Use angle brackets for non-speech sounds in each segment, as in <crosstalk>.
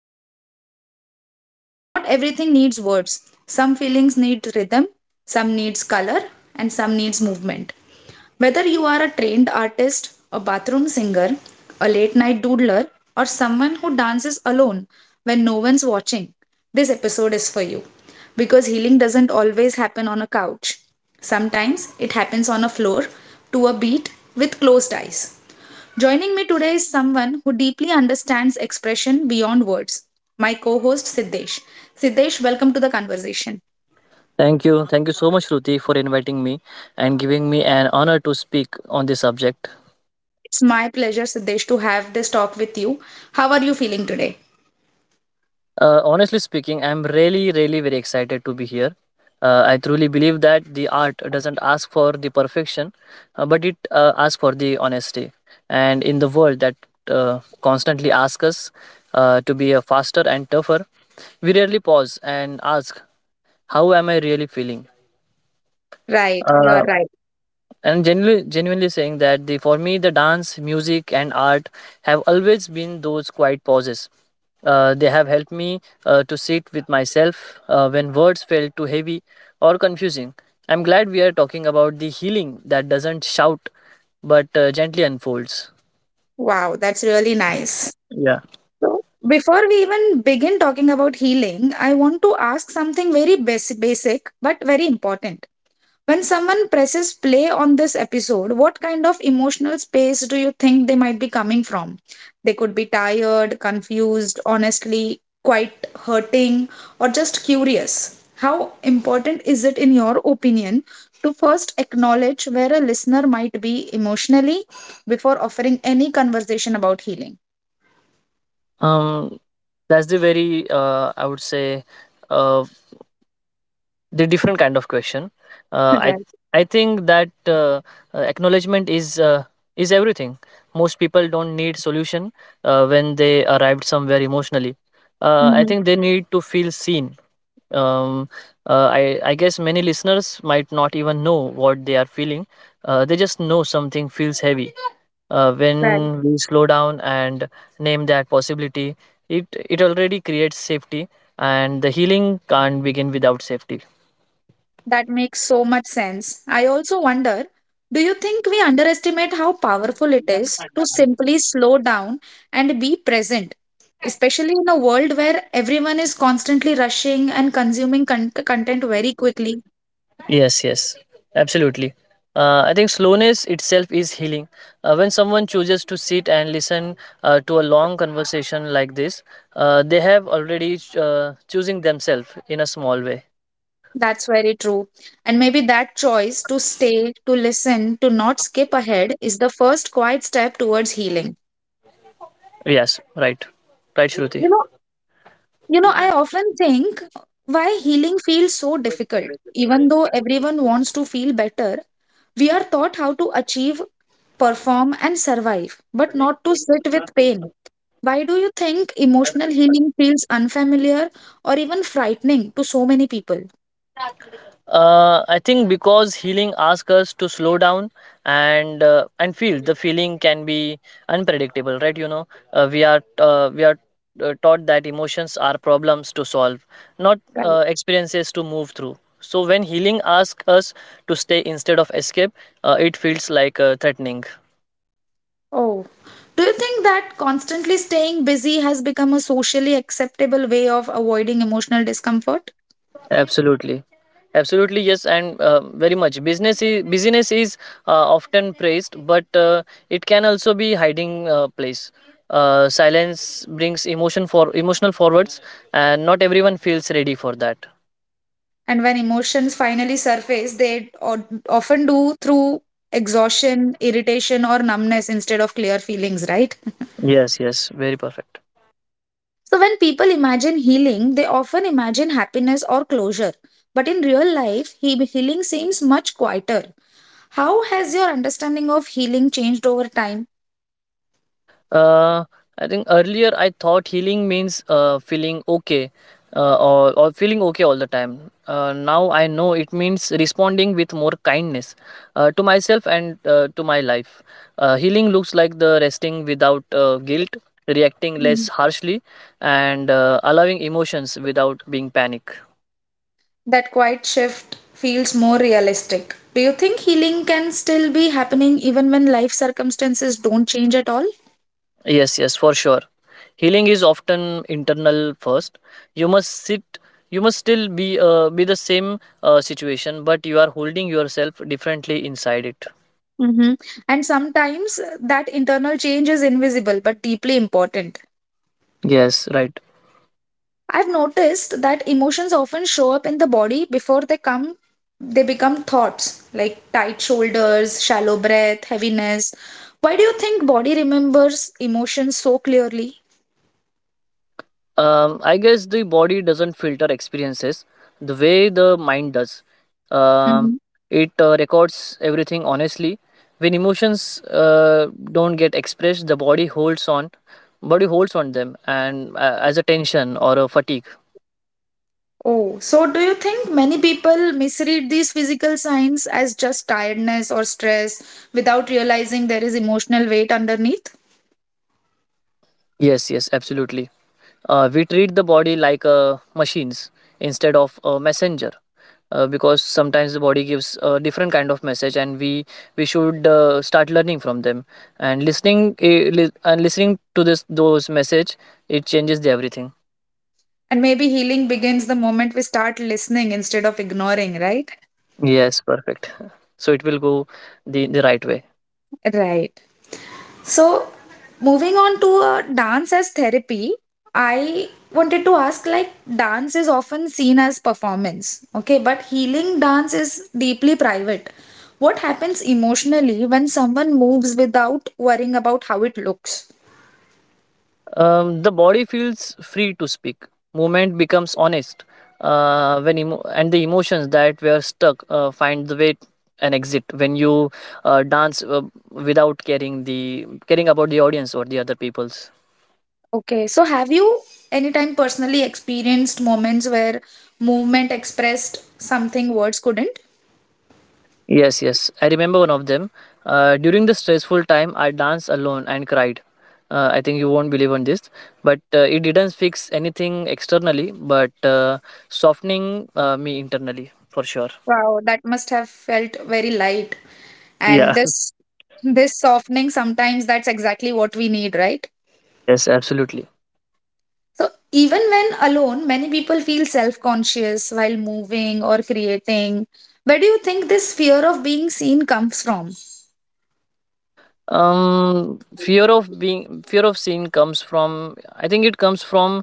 where do my emotions go? Not everything needs words. Some feelings need rhythm, some needs color, and some needs movement. Whether you are a trained artist, a bathroom singer, a late night doodler, or someone who dances alone when no one's watching, this episode is for you. Because healing doesn't always happen on a couch, sometimes it happens on a floor to a beat with closed eyes. Joining me today is someone who deeply understands expression beyond words, my co host Siddesh. Siddesh, welcome to the conversation. Thank you. Thank you so much, Ruti, for inviting me and giving me an honor to speak on this subject. It's my pleasure, Siddesh, to have this talk with you. How are you feeling today? Honestly speaking, I'm really very excited to be here. I truly believe that the art doesn't ask for the perfection, but it asks for the honesty. And in the world that constantly asks us to be a faster and tougher, we rarely pause and ask, how am I really feeling? Right, you are Uh, right. And genuinely saying that the for me the dance, music, and art have always been those quiet pauses. They have helped me to sit with myself when words felt too heavy or confusing. I'm glad we are talking about the healing that doesn't shout but gently unfolds. Wow, that's really nice. Yeah. So, before we even begin talking about healing, I want to ask something very basic but very important. When someone presses play on this episode, what kind of emotional space do you think they might be coming from? They could be tired, confused, honestly, quite hurting, or just curious. How important is it, in your opinion, to first acknowledge where a listener might be emotionally before offering any conversation about healing? Um. That's the very I would say uh, the different kind of question. Uh, I Right. I think that acknowledgement is is everything. Most people don't need solution when they arrived somewhere emotionally. I hmm think they need to feel seen. Um, I guess many listeners might not even know what they are feeling. They just know something feels heavy. When Right. we slow down and name that possibility, it it already creates safety, and the healing can't begin without safety. That makes so much sense. I also wonder, do you think we underestimate how powerful it is to simply slow down and be present, especially in a world where everyone is constantly rushing and consuming content very quickly? Yes, yes, absolutely. I think slowness itself is healing. When someone chooses to sit and listen to a long conversation like this, they have already choosing themselves in a small way. That's very true. And maybe that choice to stay, to listen, to not skip ahead is the first quiet step towards healing. Yes, right, right, You Shruti. know, you know, I often think why healing feels so difficult. Even though everyone wants to feel better, we are taught how to achieve, perform, and survive, but not to sit with pain. Why do you think emotional healing feels unfamiliar or even frightening to so many people? I think because healing asks us to slow down and feel. The feeling can be unpredictable, right? You know, we are taught that emotions are problems to solve, not Right. uh, experiences to move through. So when healing asks us to stay instead of escape, it feels like threatening. Oh. Do you think that constantly staying busy has become a socially acceptable way of avoiding emotional discomfort? Absolutely, absolutely yes, and very much. Busyness is often praised, but it can also be hiding place. Silence brings emotion for emotional forwards, and not everyone feels ready for that. And when emotions finally surface, they often do through exhaustion, irritation, or numbness instead of clear feelings, right? Yes, yes, very perfect. So, when people imagine healing, they often imagine happiness or closure. But in real life, healing seems much quieter. How has your understanding of healing changed over time? Uh, I think earlier I thought healing means feeling okay or feeling okay all the time. Now I know it means responding with more kindness to myself and to my life. Healing looks like the resting without guilt, reacting Mm. less harshly, and allowing emotions without being panic. That quiet shift feels more realistic. Do you think healing can still be happening even when life circumstances don't change at all? Yes, yes, for sure. Healing is often internal first. You must sit. You must still be the same situation, but you are holding yourself differently inside it. hmm And sometimes that internal change is invisible but deeply important. Yes, right. I've noticed that emotions often show up in the body before they become thoughts like tight shoulders, shallow breath, heaviness. Why do you think body remembers emotions so clearly? I guess the body doesn't filter experiences the way the mind does. um, Mhm. it uh, records everything honestly. When emotions uh, don't get expressed, the body holds on them and as a tension or a fatigue. Oh, so do you think many people misread these physical signs as just tiredness or stress without realizing there is emotional weight underneath? Yes, yes, absolutely. We treat the body like machines instead of a messenger, because sometimes the body gives a different kind of message, and we should start learning from them and listening to this those message. It changes the everything. And maybe healing begins the moment we start listening instead of ignoring, right? Yes, perfect. <laughs> So it will go the right way. Right. So, moving on to dance as therapy, I wanted to ask, like, dance is often seen as performance, okay, but healing dance is deeply private. What happens emotionally when someone moves without worrying about how it looks? The body feels free to speak. Movement becomes honest when emo- and the emotions that were stuck find the way and exit when you dance without caring about the audience or the other people's. Okay, so have you anytime personally experienced moments where movement expressed something words couldn't? Yes, yes, I remember one of them. During the stressful time, I danced alone and cried. I think you won't believe on this, but it didn't fix anything externally, but softening me internally for sure. Wow, that must have felt very light. And Yeah. this softening sometimes, that's exactly what we need, right? Yes, absolutely. So even when alone, many people feel self-conscious while moving or creating. Where do you think this fear of being seen comes from? Um, fear of being fear of sin comes from, I think it comes from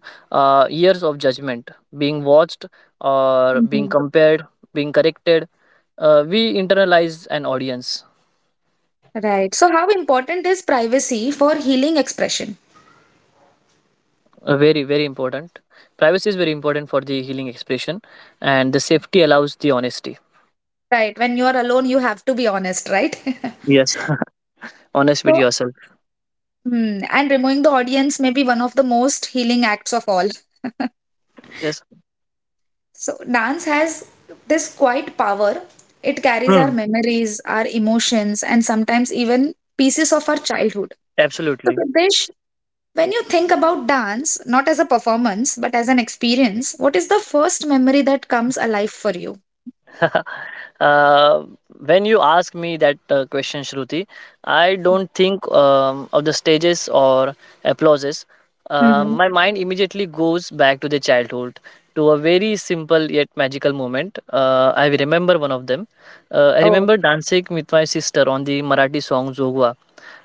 years of judgment, being watched or being Mhm. compared, being corrected. We internalize an audience. Right, so how important is privacy for healing expression? Very very important. Privacy is very important for the healing expression, and the safety allows the honesty. Right, when you are alone you have to be honest, right? <laughs> Yes. <laughs> Honest with So, yourself. Hmm. and removing the audience may be one of the most healing acts of all. Yes. So, dance has this quite power. It carries our Hmm. memories, our emotions, and sometimes even pieces of our childhood. So, Absolutely. Siddesh, when you think about dance, not as a performance, but as an experience, what is the first memory that comes alive for you? <laughs> uh, when you ask me that question, Shruti, I don't think of the stages or applauses. Mm-hmm. My mind immediately goes back to the childhood, to a very simple yet magical moment. I remember one of them. I Oh, remember dancing with my sister on the Marathi song Zogwa.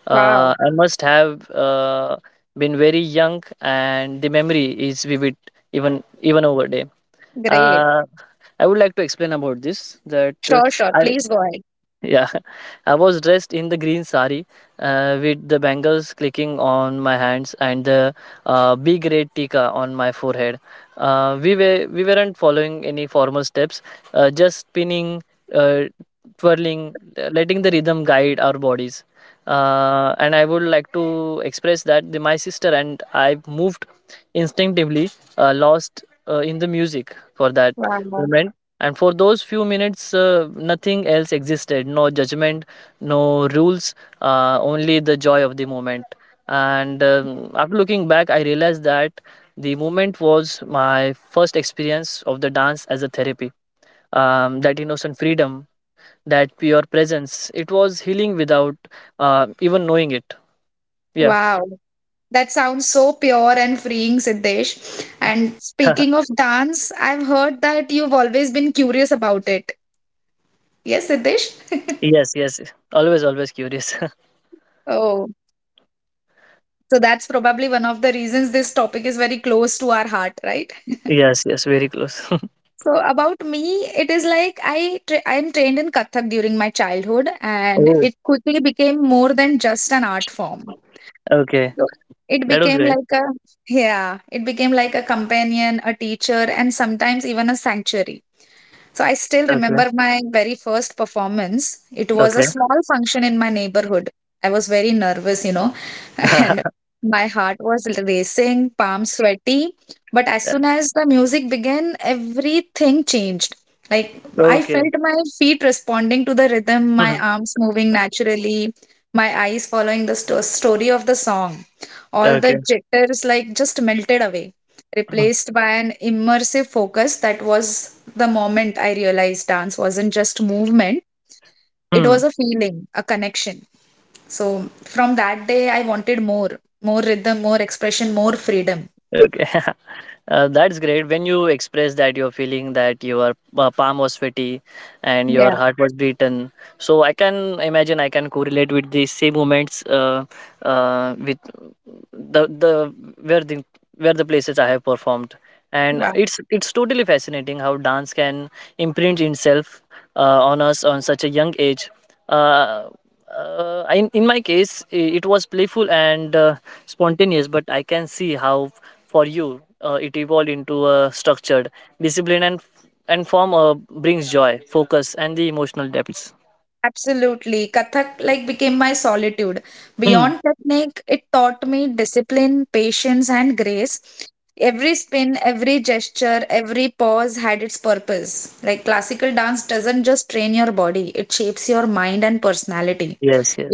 Wow. I must have been very young, and the memory is vivid even over there. Great. Uh, I would like to explain about this that Sure, sure. I Please go ahead. yeah, <laughs> I was dressed in the green sari with the bangles clicking on my hands and the big red tika on my forehead. We weren't following any formal steps, just spinning, uh, twirling, letting the rhythm guide our bodies. And I would like to express that my sister and I moved instinctively, lost in the music for that Wow. moment, and for those few minutes, nothing else existed. No judgment, no rules, only the joy of the moment. And after looking back, I realized that the moment was my first experience of the dance as a therapy. That innocent freedom, that pure presence, it was healing without even knowing it. Yeah. Wow, that sounds so pure and freeing, Siddesh. And speaking of <laughs> dance, I've heard that you've always been curious about it. Yes, Siddesh. Yes, yes. Always, always curious. Oh, so that's probably one of the reasons this topic is very close to our heart, right? <laughs> Yes, yes. Very close. <laughs> So about me, it is like I'm trained in Kathak during my childhood, and Oh, it quickly became more than just an art form. okay. So It That was became great. like a Yeah, it became like a companion, a teacher, and sometimes even a sanctuary. So I still Okay, remember my very first performance. It was a okay. small function in my neighborhood. I was very nervous, you know, and <laughs> my heart was racing, palms sweaty. But as soon as the music began, everything changed. Like, I Okay. felt my feet responding to the rhythm, my Mhm. arms moving naturally, my eyes following the story of the song. All the Okay. jitters, like, just melted away, Mm-hmm. replaced by an immersive focus. That was the moment I realized dance wasn't just movement, it Hmm. was a feeling, a connection. So from that day, I wanted more, more rhythm, more expression, more freedom. Okay. <laughs> That's great. When you express that you're feeling that your palm was sweaty and Yeah, your heart was beaten, so I can imagine, I can correlate with the same moments with the the where the the places I have performed, and wow. it's totally fascinating how dance can imprint itself uh, on us on such a young age. Uh, in my case, it was playful and spontaneous, but I can see how for you it evolved into a structured discipline and form brings joy, focus, and the emotional depths. Absolutely. Kathak, like, became my solitude. Hmm. Beyond technique, it taught me discipline, patience, and grace. Every spin, every gesture, every pause had its purpose. Like, classical dance doesn't just train your body, it shapes your mind and personality. Yes, yes.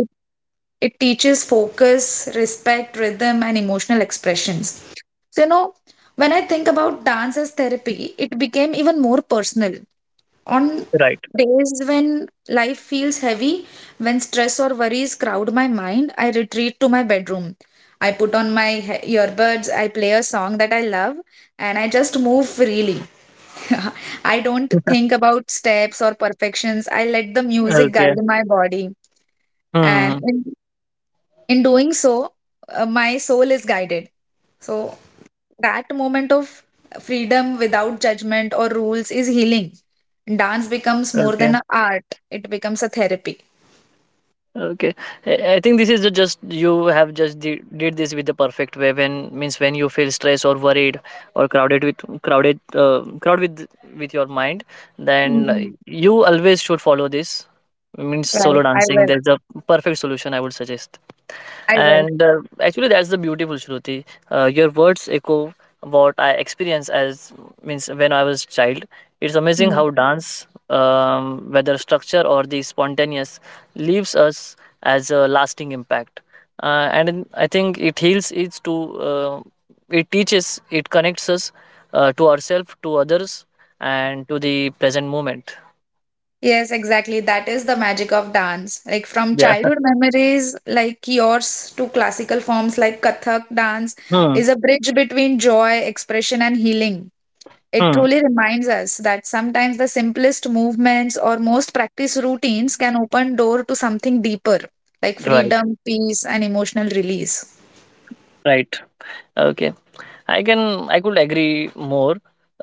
It teaches focus, respect, rhythm, and emotional expressions. So, you know, when I think about dance as therapy, it became even more personal. On Right. days when life feels heavy, when stress or worries crowd my mind, I retreat to my bedroom. I put on my earbuds, I play a song that I love, and I just move freely. <laughs> I don't think about steps or perfections. I let the music Okay. guide my body. And Hmm. in doing so, my soul is guided. So that moment of freedom without judgment or rules is healing. Dance becomes more Okay. than an art; it becomes a therapy. Okay. I think this is, the just you have just did this with the perfect way, when means when you feel stressed or worried or crowded with crowded crowd with your mind, then Mm. you always should follow this, means Right. solo I dancing. will. There's a perfect solution, I would suggest. I will. And actually, that's the beautiful, Shruti. Your words echo what I experienced as, means when I was child. It's amazing Mm. how dance, whether structure or the spontaneous, leaves us as a lasting impact. I think it heals each to, uh, it teaches, it connects us to ourselves, to others, and to the present moment. Yes, exactly. That is the magic of dance. Like, from Yeah. childhood memories like yours to classical forms like Kathak, dance Hmm. is a bridge between joy, expression, and healing. It Hmm. truly reminds us that sometimes the simplest movements or most practiced routines can open door to something deeper, like Right. freedom, peace, and emotional release. Right. Okay. I could agree more.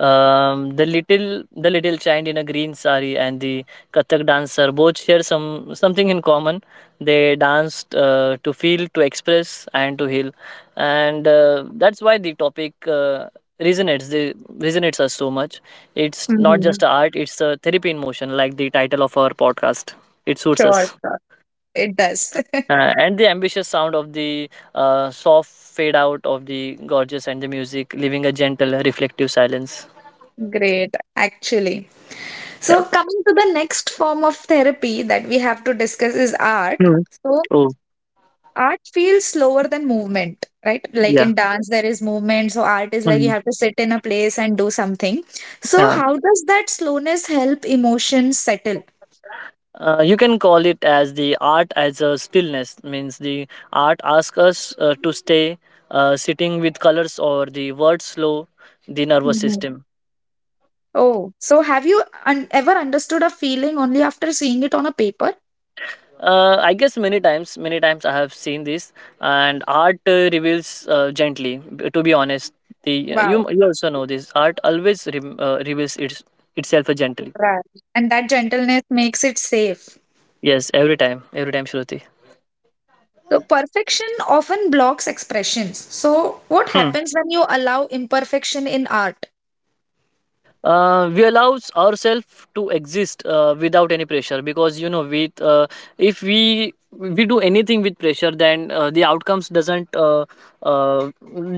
The little child in a green sari and the Kathak dancer both share something in common. They danced to feel, to express, and to heal, and that's why the topic resonates. The resonates us so much. It's not just hmm a art; it's a therapy in motion, like the title of our podcast. It suits us. Sure, sure. It does. <laughs> And the ambitious sound of the soft fade out of the gorgeous and the music, leaving a gentle, reflective silence. Great, actually. Yeah. So, coming to the next form of therapy that we have to discuss is art. Mhm. So, Oh, art feels slower than movement, right? Like, yeah. in dance, there is movement. So, art is like you Mhm. have to sit in a place and do something. So, Yeah. how does that slowness help emotions settle? You can call it as the art as a stillness, means the art asks us to stay sitting with colors or the words, slow the nervous Mhm. system. Oh, so have you ever understood a feeling only after seeing it on a paper? I guess many times I have seen this, and art reveals gently. To be honest, the you Wow, you also know this. Art always reveals itself gently. right. And that gentleness makes it safe. Yes, every time, Shruti. So, perfection often blocks expressions. So, what happens when you allow imperfection in art? We allows ourselves to exist without any pressure, because you know with if we do anything with pressure, then the outcomes doesn't uh,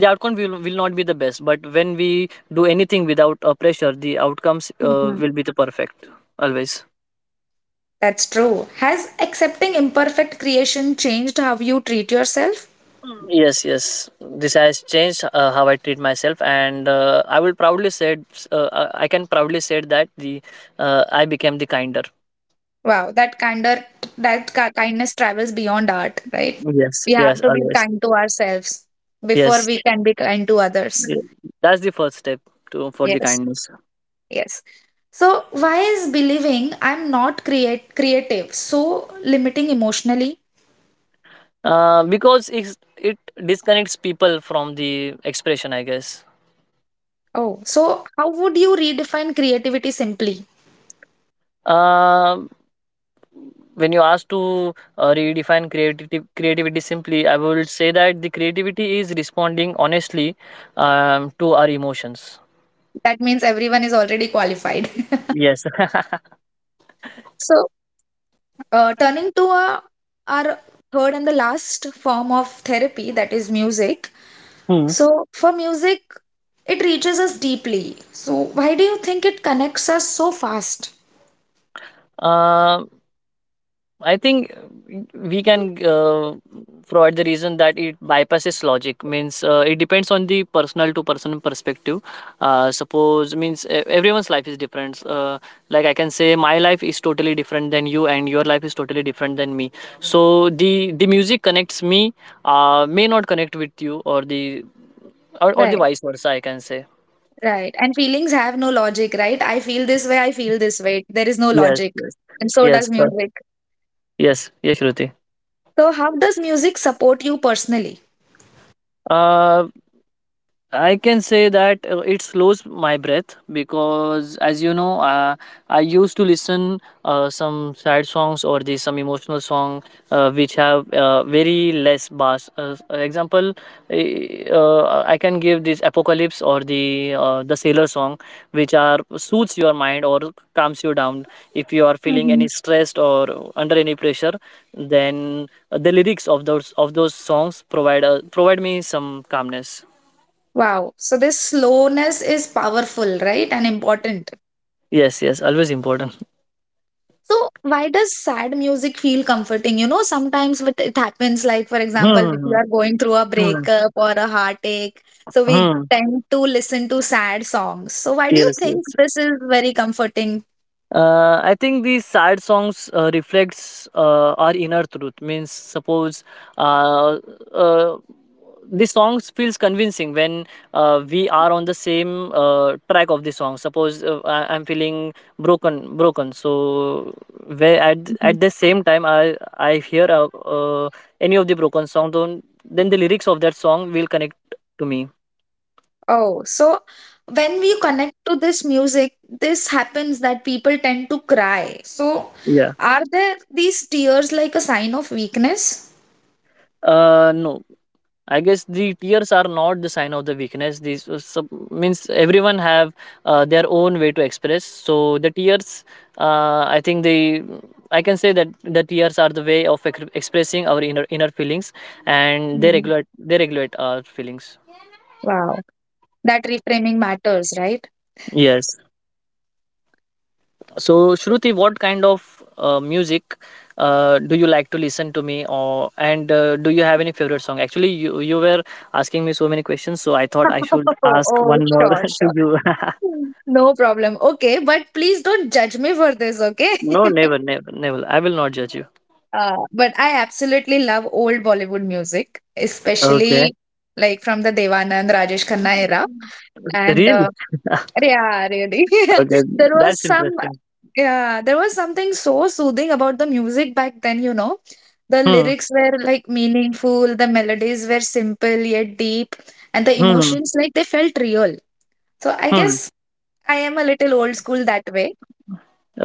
the outcome will not be the best, but when we do anything without pressure, the outcomes Mhm. will be the perfect always. That's true. Has accepting imperfect creation changed how you treat yourself? Mm, yes, yes, this has changed how I treat myself, and I can proudly say that the I became the kinder. Wow, that candor, that kindness travels beyond art, right? Yes, We have yes, to be always. kind to ourselves before Yes. we can be kind to others. Yeah, that's the first step to for the Yes. kindness. Yes. So, why is believing I'm not create creative so limiting emotionally? It disconnects people from the expression, I guess. Oh, so how would you redefine creativity simply? Uh, when you ask to creativity simply, I would say that the creativity is responding honestly to our emotions. That means everyone is already qualified. <laughs> Yes. <laughs> So, turning to our third and the last form of therapy, that is music. Hmm. So, for music, it reaches us deeply. So, why do you think it connects us so fast? Um, I think we can provide the reason that it bypasses logic. Means it depends on the personal to person perspective. Suppose means everyone's life is different. Like I can say, my life is totally different than you, and your life is totally different than me. So the music connects me, may not connect with you, or the or the Right. vice versa, I can say. Right. And feelings have no logic, right? I feel this way, I feel this way. There is no Yes. logic. Yes. And so Yes. does music. Yes. Yes, Shruti. So, how does music support you personally? Uh, I can say that it slows my breath because, as you know, I used to listen some sad songs or the some emotional song which have very less bass. Example, I can give this Apocalypse or the Sailor song, which are soothes your mind or calms you down if you are feeling any hmm stressed or under any pressure. Then the lyrics of those songs provide provide me some calmness. Wow. So, this slowness is powerful, right? And important. Yes, yes, always important. So, why does sad music feel comforting? You know, sometimes what it happens, like, for example, if Hmm. you are going through a Hmm. breakup or a heartache, so we Hmm. tend to listen to sad songs. So, why do you Yes. think Yes. this is very comforting? I think these sad songs reflects our inner truth. Means suppose uh, uh, the songs feels convincing when we are on the same track of the song. Suppose I'm feeling broken. So where at the same time I hear any of the broken song, then the lyrics of that song will connect to me. Oh, so when we connect to this music, this happens that people tend to cry. So, Yeah. are there these tears like a sign of weakness? No, I guess the tears are not the sign of the weakness. Means everyone have their own way to express. So the tears, I think they, I can say that the tears are the way of expressing our inner feelings, and they Mhm. regulate they regulate our feelings. Wow, that reframing matters, right? Yes. So Shruti, what kind of music do you like to listen to me, or and do you have any favorite song? Actually, you were asking me so many questions, so I thought I should <laughs> ask Oh, one more sure, <laughs> sure. to you. <laughs> No problem. Okay, but please don't judge me for this, okay? No, <laughs> never, never, never. I will not judge you. But I absolutely love old Bollywood music, Okay. especially like from the Devanand, Rajesh Khanna era. And Really? <laughs> yeah, really. <laughs> Okay. There was That's interesting. yeah, there was something so soothing about the music back then, you know. The Hmm. lyrics were like meaningful, the melodies were simple yet deep, and the Hmm. emotions, like, they felt real. So I Hmm. guess I am a little old school that way.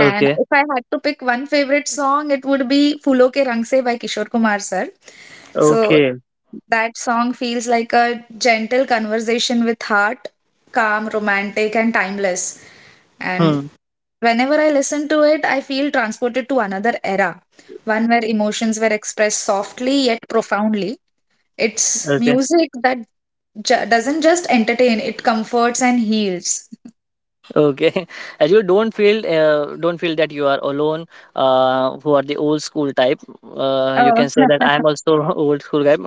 And if I had to pick one favorite song, it would be Phoolon Ke Rang Se by Kishore Kumar sir. So Okay. that song feels like a gentle conversation with heart, calm, romantic, and timeless. And Hmm. whenever I listen to it, I feel transported to another era, one where emotions were expressed softly yet profoundly. It's Okay. music that doesn't just entertain, it comforts and heals. Okay, <laughs> as you don't feel that you are alone who are the old school type, you Oh, can say that I am <laughs> also <laughs> old school guy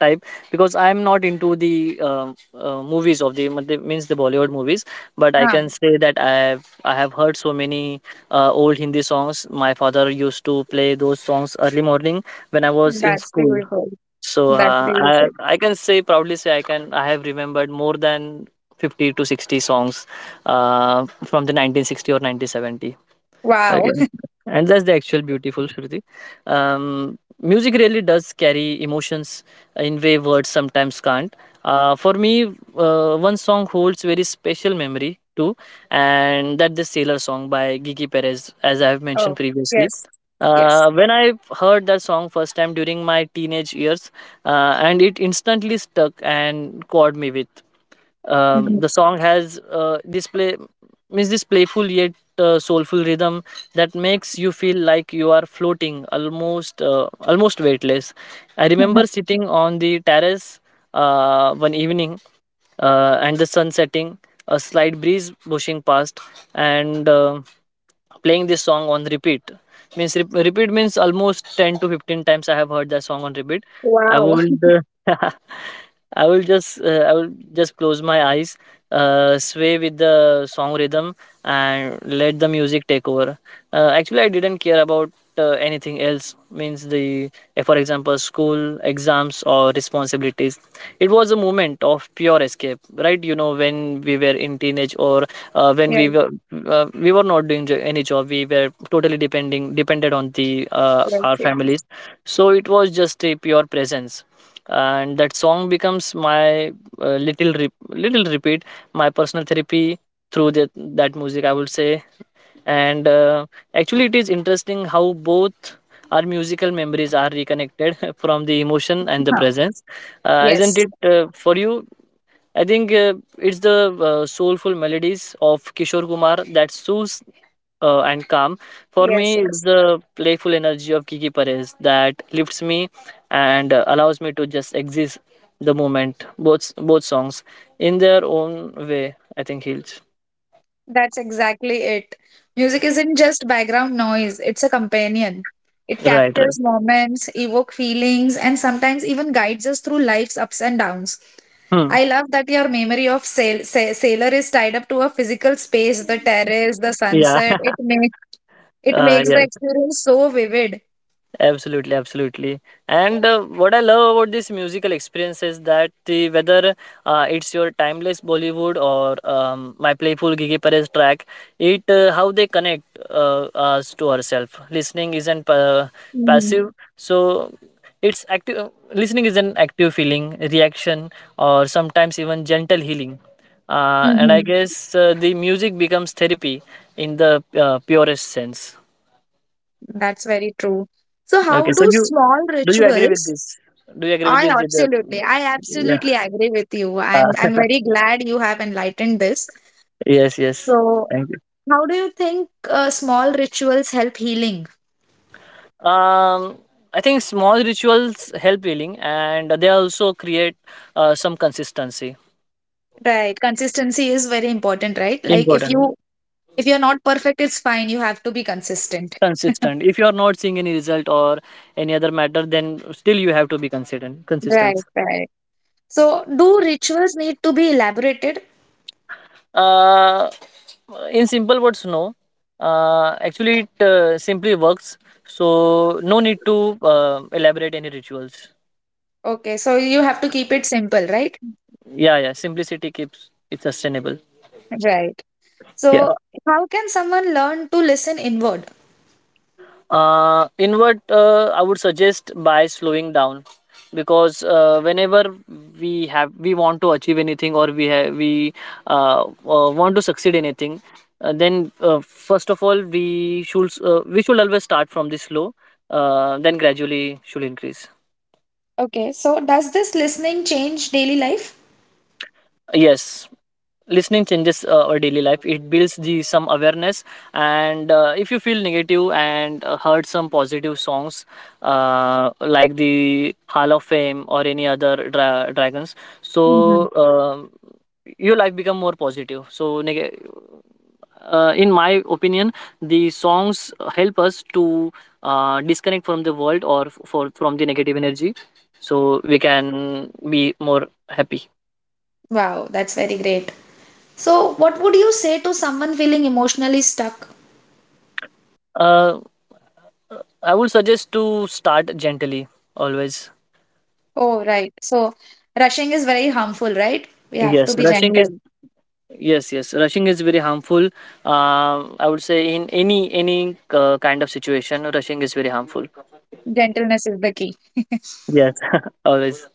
type because I am not into the movies of the means the Bollywood movies, but I ah, can say that I have heard so many old Hindi songs. My father used to play those songs early morning when I was in that's school. beautiful. So, That's uh, I beautiful. I can say, proudly say I have remembered more than 50 to 60 songs from the 1960 or 1970. Wow. Okay. <laughs> And that's the actual beautiful, Shruti. Music really does carry emotions in way words sometimes can't. For me, one song holds very special memory too, and that the Sailor song by Gigi Perez, as I have Oh, mentioned previously. yes. Yes. When I heard that song first time during my teenage years, and it instantly stuck and caught me with. hmm The song has this play means this playful yet soulful rhythm that makes you feel like you are floating, almost weightless. I remember <laughs> sitting on the terrace one evening, and the sun setting, a slight breeze pushing past, and playing this song on repeat. Repeat means almost 10 to 15 times I have heard that song on repeat. I Wow. would uh, <laughs> I will just close my eyes, sway with the song rhythm, and let the music take over. Actually, I didn't care about anything else. Means the, for example, school exams or responsibilities. It was a moment of pure escape, right? You know, when we were in teenage or when Yeah. We were not doing any job, we were totally depending depended on the Right. our Yes. families. So it was just a pure presence, and that song becomes my little repeat, my personal therapy through that music, I would say. And actually, it is interesting how both our musical memories are reconnected <laughs> from the emotion and the presence, isn't Yes. it, for you? I think it's the soulful melodies of Kishore Kumar that soothes and calm. For Yes. me, it's Yes. the playful energy of Kiki Perez that lifts me and allows me to just exist the moment. Both songs in their own way, I think, heals. That's exactly it. Music isn't just background noise, it's a companion. It Right, right. captures moments, evoke feelings, and sometimes even guides us through life's ups and downs. Hmm. I love that your memory of sailor is tied up to a physical space, the terrace, the Yeah. sunset. <laughs> It makes it makes the Yes. experience so vivid. Absolutely, absolutely. And what I love about this musical experience is that the whether it's your timeless Bollywood or my playful Gigi Perez track, it how they connect us to ourselves. Listening isn't pa- Mm-hmm. Passive, so it's active. Listening is an active feeling, reaction, or sometimes even gentle healing. And I guess the music becomes therapy in the purest sense. That's very true. So, how Okay, so do you, small do you agree with rituals? this? Do you agree with this? Did the— I Yeah. absolutely agree with you. Uh, I'm very glad you have enlightened this. yes. Yes. So, Thank you. how do you think small rituals help healing? Um, I think small rituals help healing, and they also create some consistency. Right, consistency is very important, right? Like if Important. you if you're not perfect, it's fine. You have to be consistent. <laughs> Consistent. If you are not seeing any result or any other matter, then still you have to be consistent. Right, Consistent. right. So, do rituals need to be elaborated? Uh, in simple words, no. Actually, it simply works. So no need to elaborate any rituals. Okay, so you have to keep it simple, right? Yeah, yeah. Simplicity keeps it sustainable. Right. Yeah. So, how can someone learn to listen inward? Inward, I would suggest by slowing down because whenever we want to achieve anything, or we have we want to succeed anything, then first of all we should always start from this slow, then gradually should increase. Okay, so does this listening change daily life? Yes, listening changes our daily life. It builds the some awareness, and if you feel negative and heard some positive songs like the Hall of Fame or any other Dragons, Mhm. so your life become more positive. So in my opinion, the songs help us to disconnect from the world or f- for from the negative energy, so we can be more happy. Wow, that's very great. So, what would you say to someone feeling emotionally stuck? uh, I would suggest to start gently always. Oh, right. So, rushing is very harmful, right? We have to Yes, be rushing is, gentle. yes, yes, rushing is very harmful. I would say in any kind of situation, rushing is very harmful. Gentleness is the key. <laughs> Yes, <laughs> always.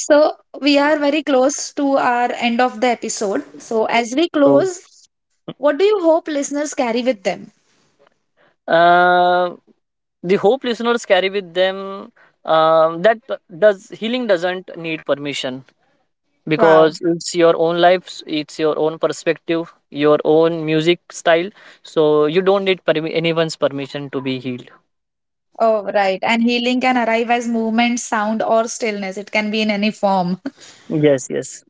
So, we are very close to our end of the episode. So, as we So, close, what do you hope listeners carry with them? uh, the hope listeners carry with them, that does healing doesn't need permission Wow. because it's your own life, it's your own perspective, your own music style. So you don't need anyone's permission to be healed. Oh, right. And healing can arrive as movement, sound, or stillness. It can be in any form. Yes, yes.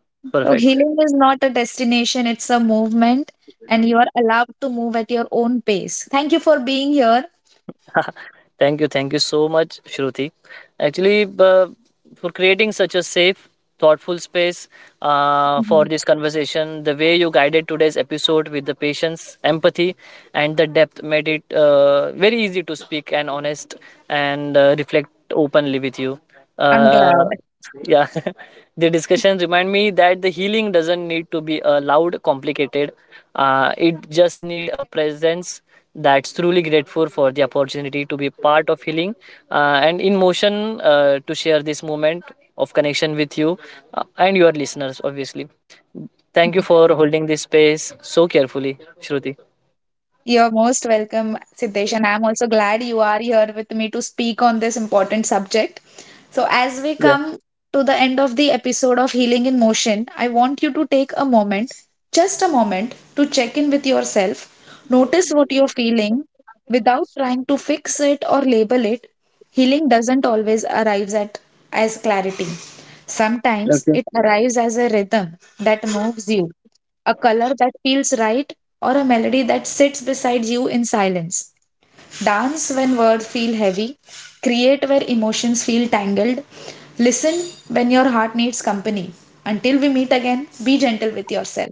So Perfect. healing is not a destination, it's a movement, and you are allowed to move at your own pace. Thank you for being here. <laughs> Thank you, thank you so much, Shruti. Actually, for creating such a safe, thoughtful space for Mhm. this conversation, the way you guided today's episode with the patience, empathy, and the depth made it very easy to speak and honest, and reflect openly with you. I'm Uh, glad. yeah, <laughs> the discussion remind me that the healing doesn't need to be loud, complicated. It just need a presence. That's truly grateful for the opportunity to be part of healing and in motion to share this moment of connection with you and your listeners, obviously. Thank you Mhm. for holding this space so carefully, Shruti. You're most welcome, Siddesh, and I'm also glad you are here with me to speak on this important subject. So, as we Yeah. come to the end of the episode of Healing in Motion, I want you to take a moment, just a moment, to check in with yourself. Notice what you're feeling without trying to fix it or label it. Healing doesn't always arrive at as clarity. Sometimes it arrives as a rhythm that moves you, a color that feels right, or a melody that sits beside you in silence. Dance when words feel heavy, create where emotions feel tangled, listen when your heart needs company. Until we meet again, be gentle with yourself.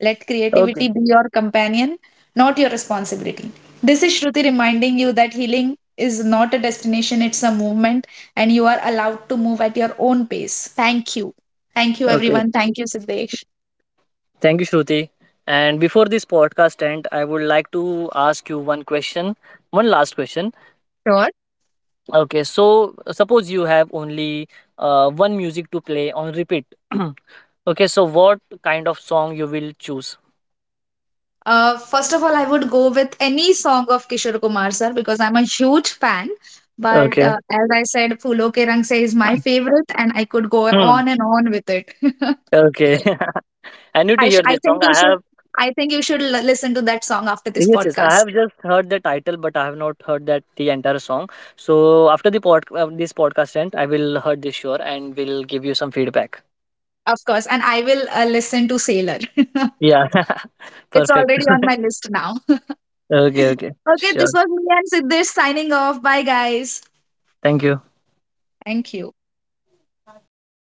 Let Okay. creativity be your companion, not your responsibility. This is Shruti reminding you that healing is not a destination, it's a movement, and you are allowed to move at your own pace. Thank you. Thank you, Okay. everyone. Thank you, Siddesh. Thank you, Shruti. And before this podcast end, I would like to ask you one question, one last question. Sure. Okay, so suppose you have only one music to play on repeat. <clears throat> Okay, so what kind of song you will choose? First of all, I would go with any song of Kishore Kumar sir because I'm a huge fan. But Okay. As I said, Phulo Ke Rang Se is my favorite, and I could go Hmm. on and on with it. <laughs> Okay. <laughs> I need to hear I this think song. I have, you should listen to that song after this yes, yes. I podcast, have just heard the title, but I have not heard that the entire song. So after the pod, this podcast end, I will heard this sure and will give you some feedback. of course. And I will listen to Sailor. <laughs> Yeah. <laughs> It's Perfect. already on my list now. <laughs> <laughs> Okay. Okay. Okay, Sure. this was me and Siddesh signing off. Bye, guys. Thank you. Thank you.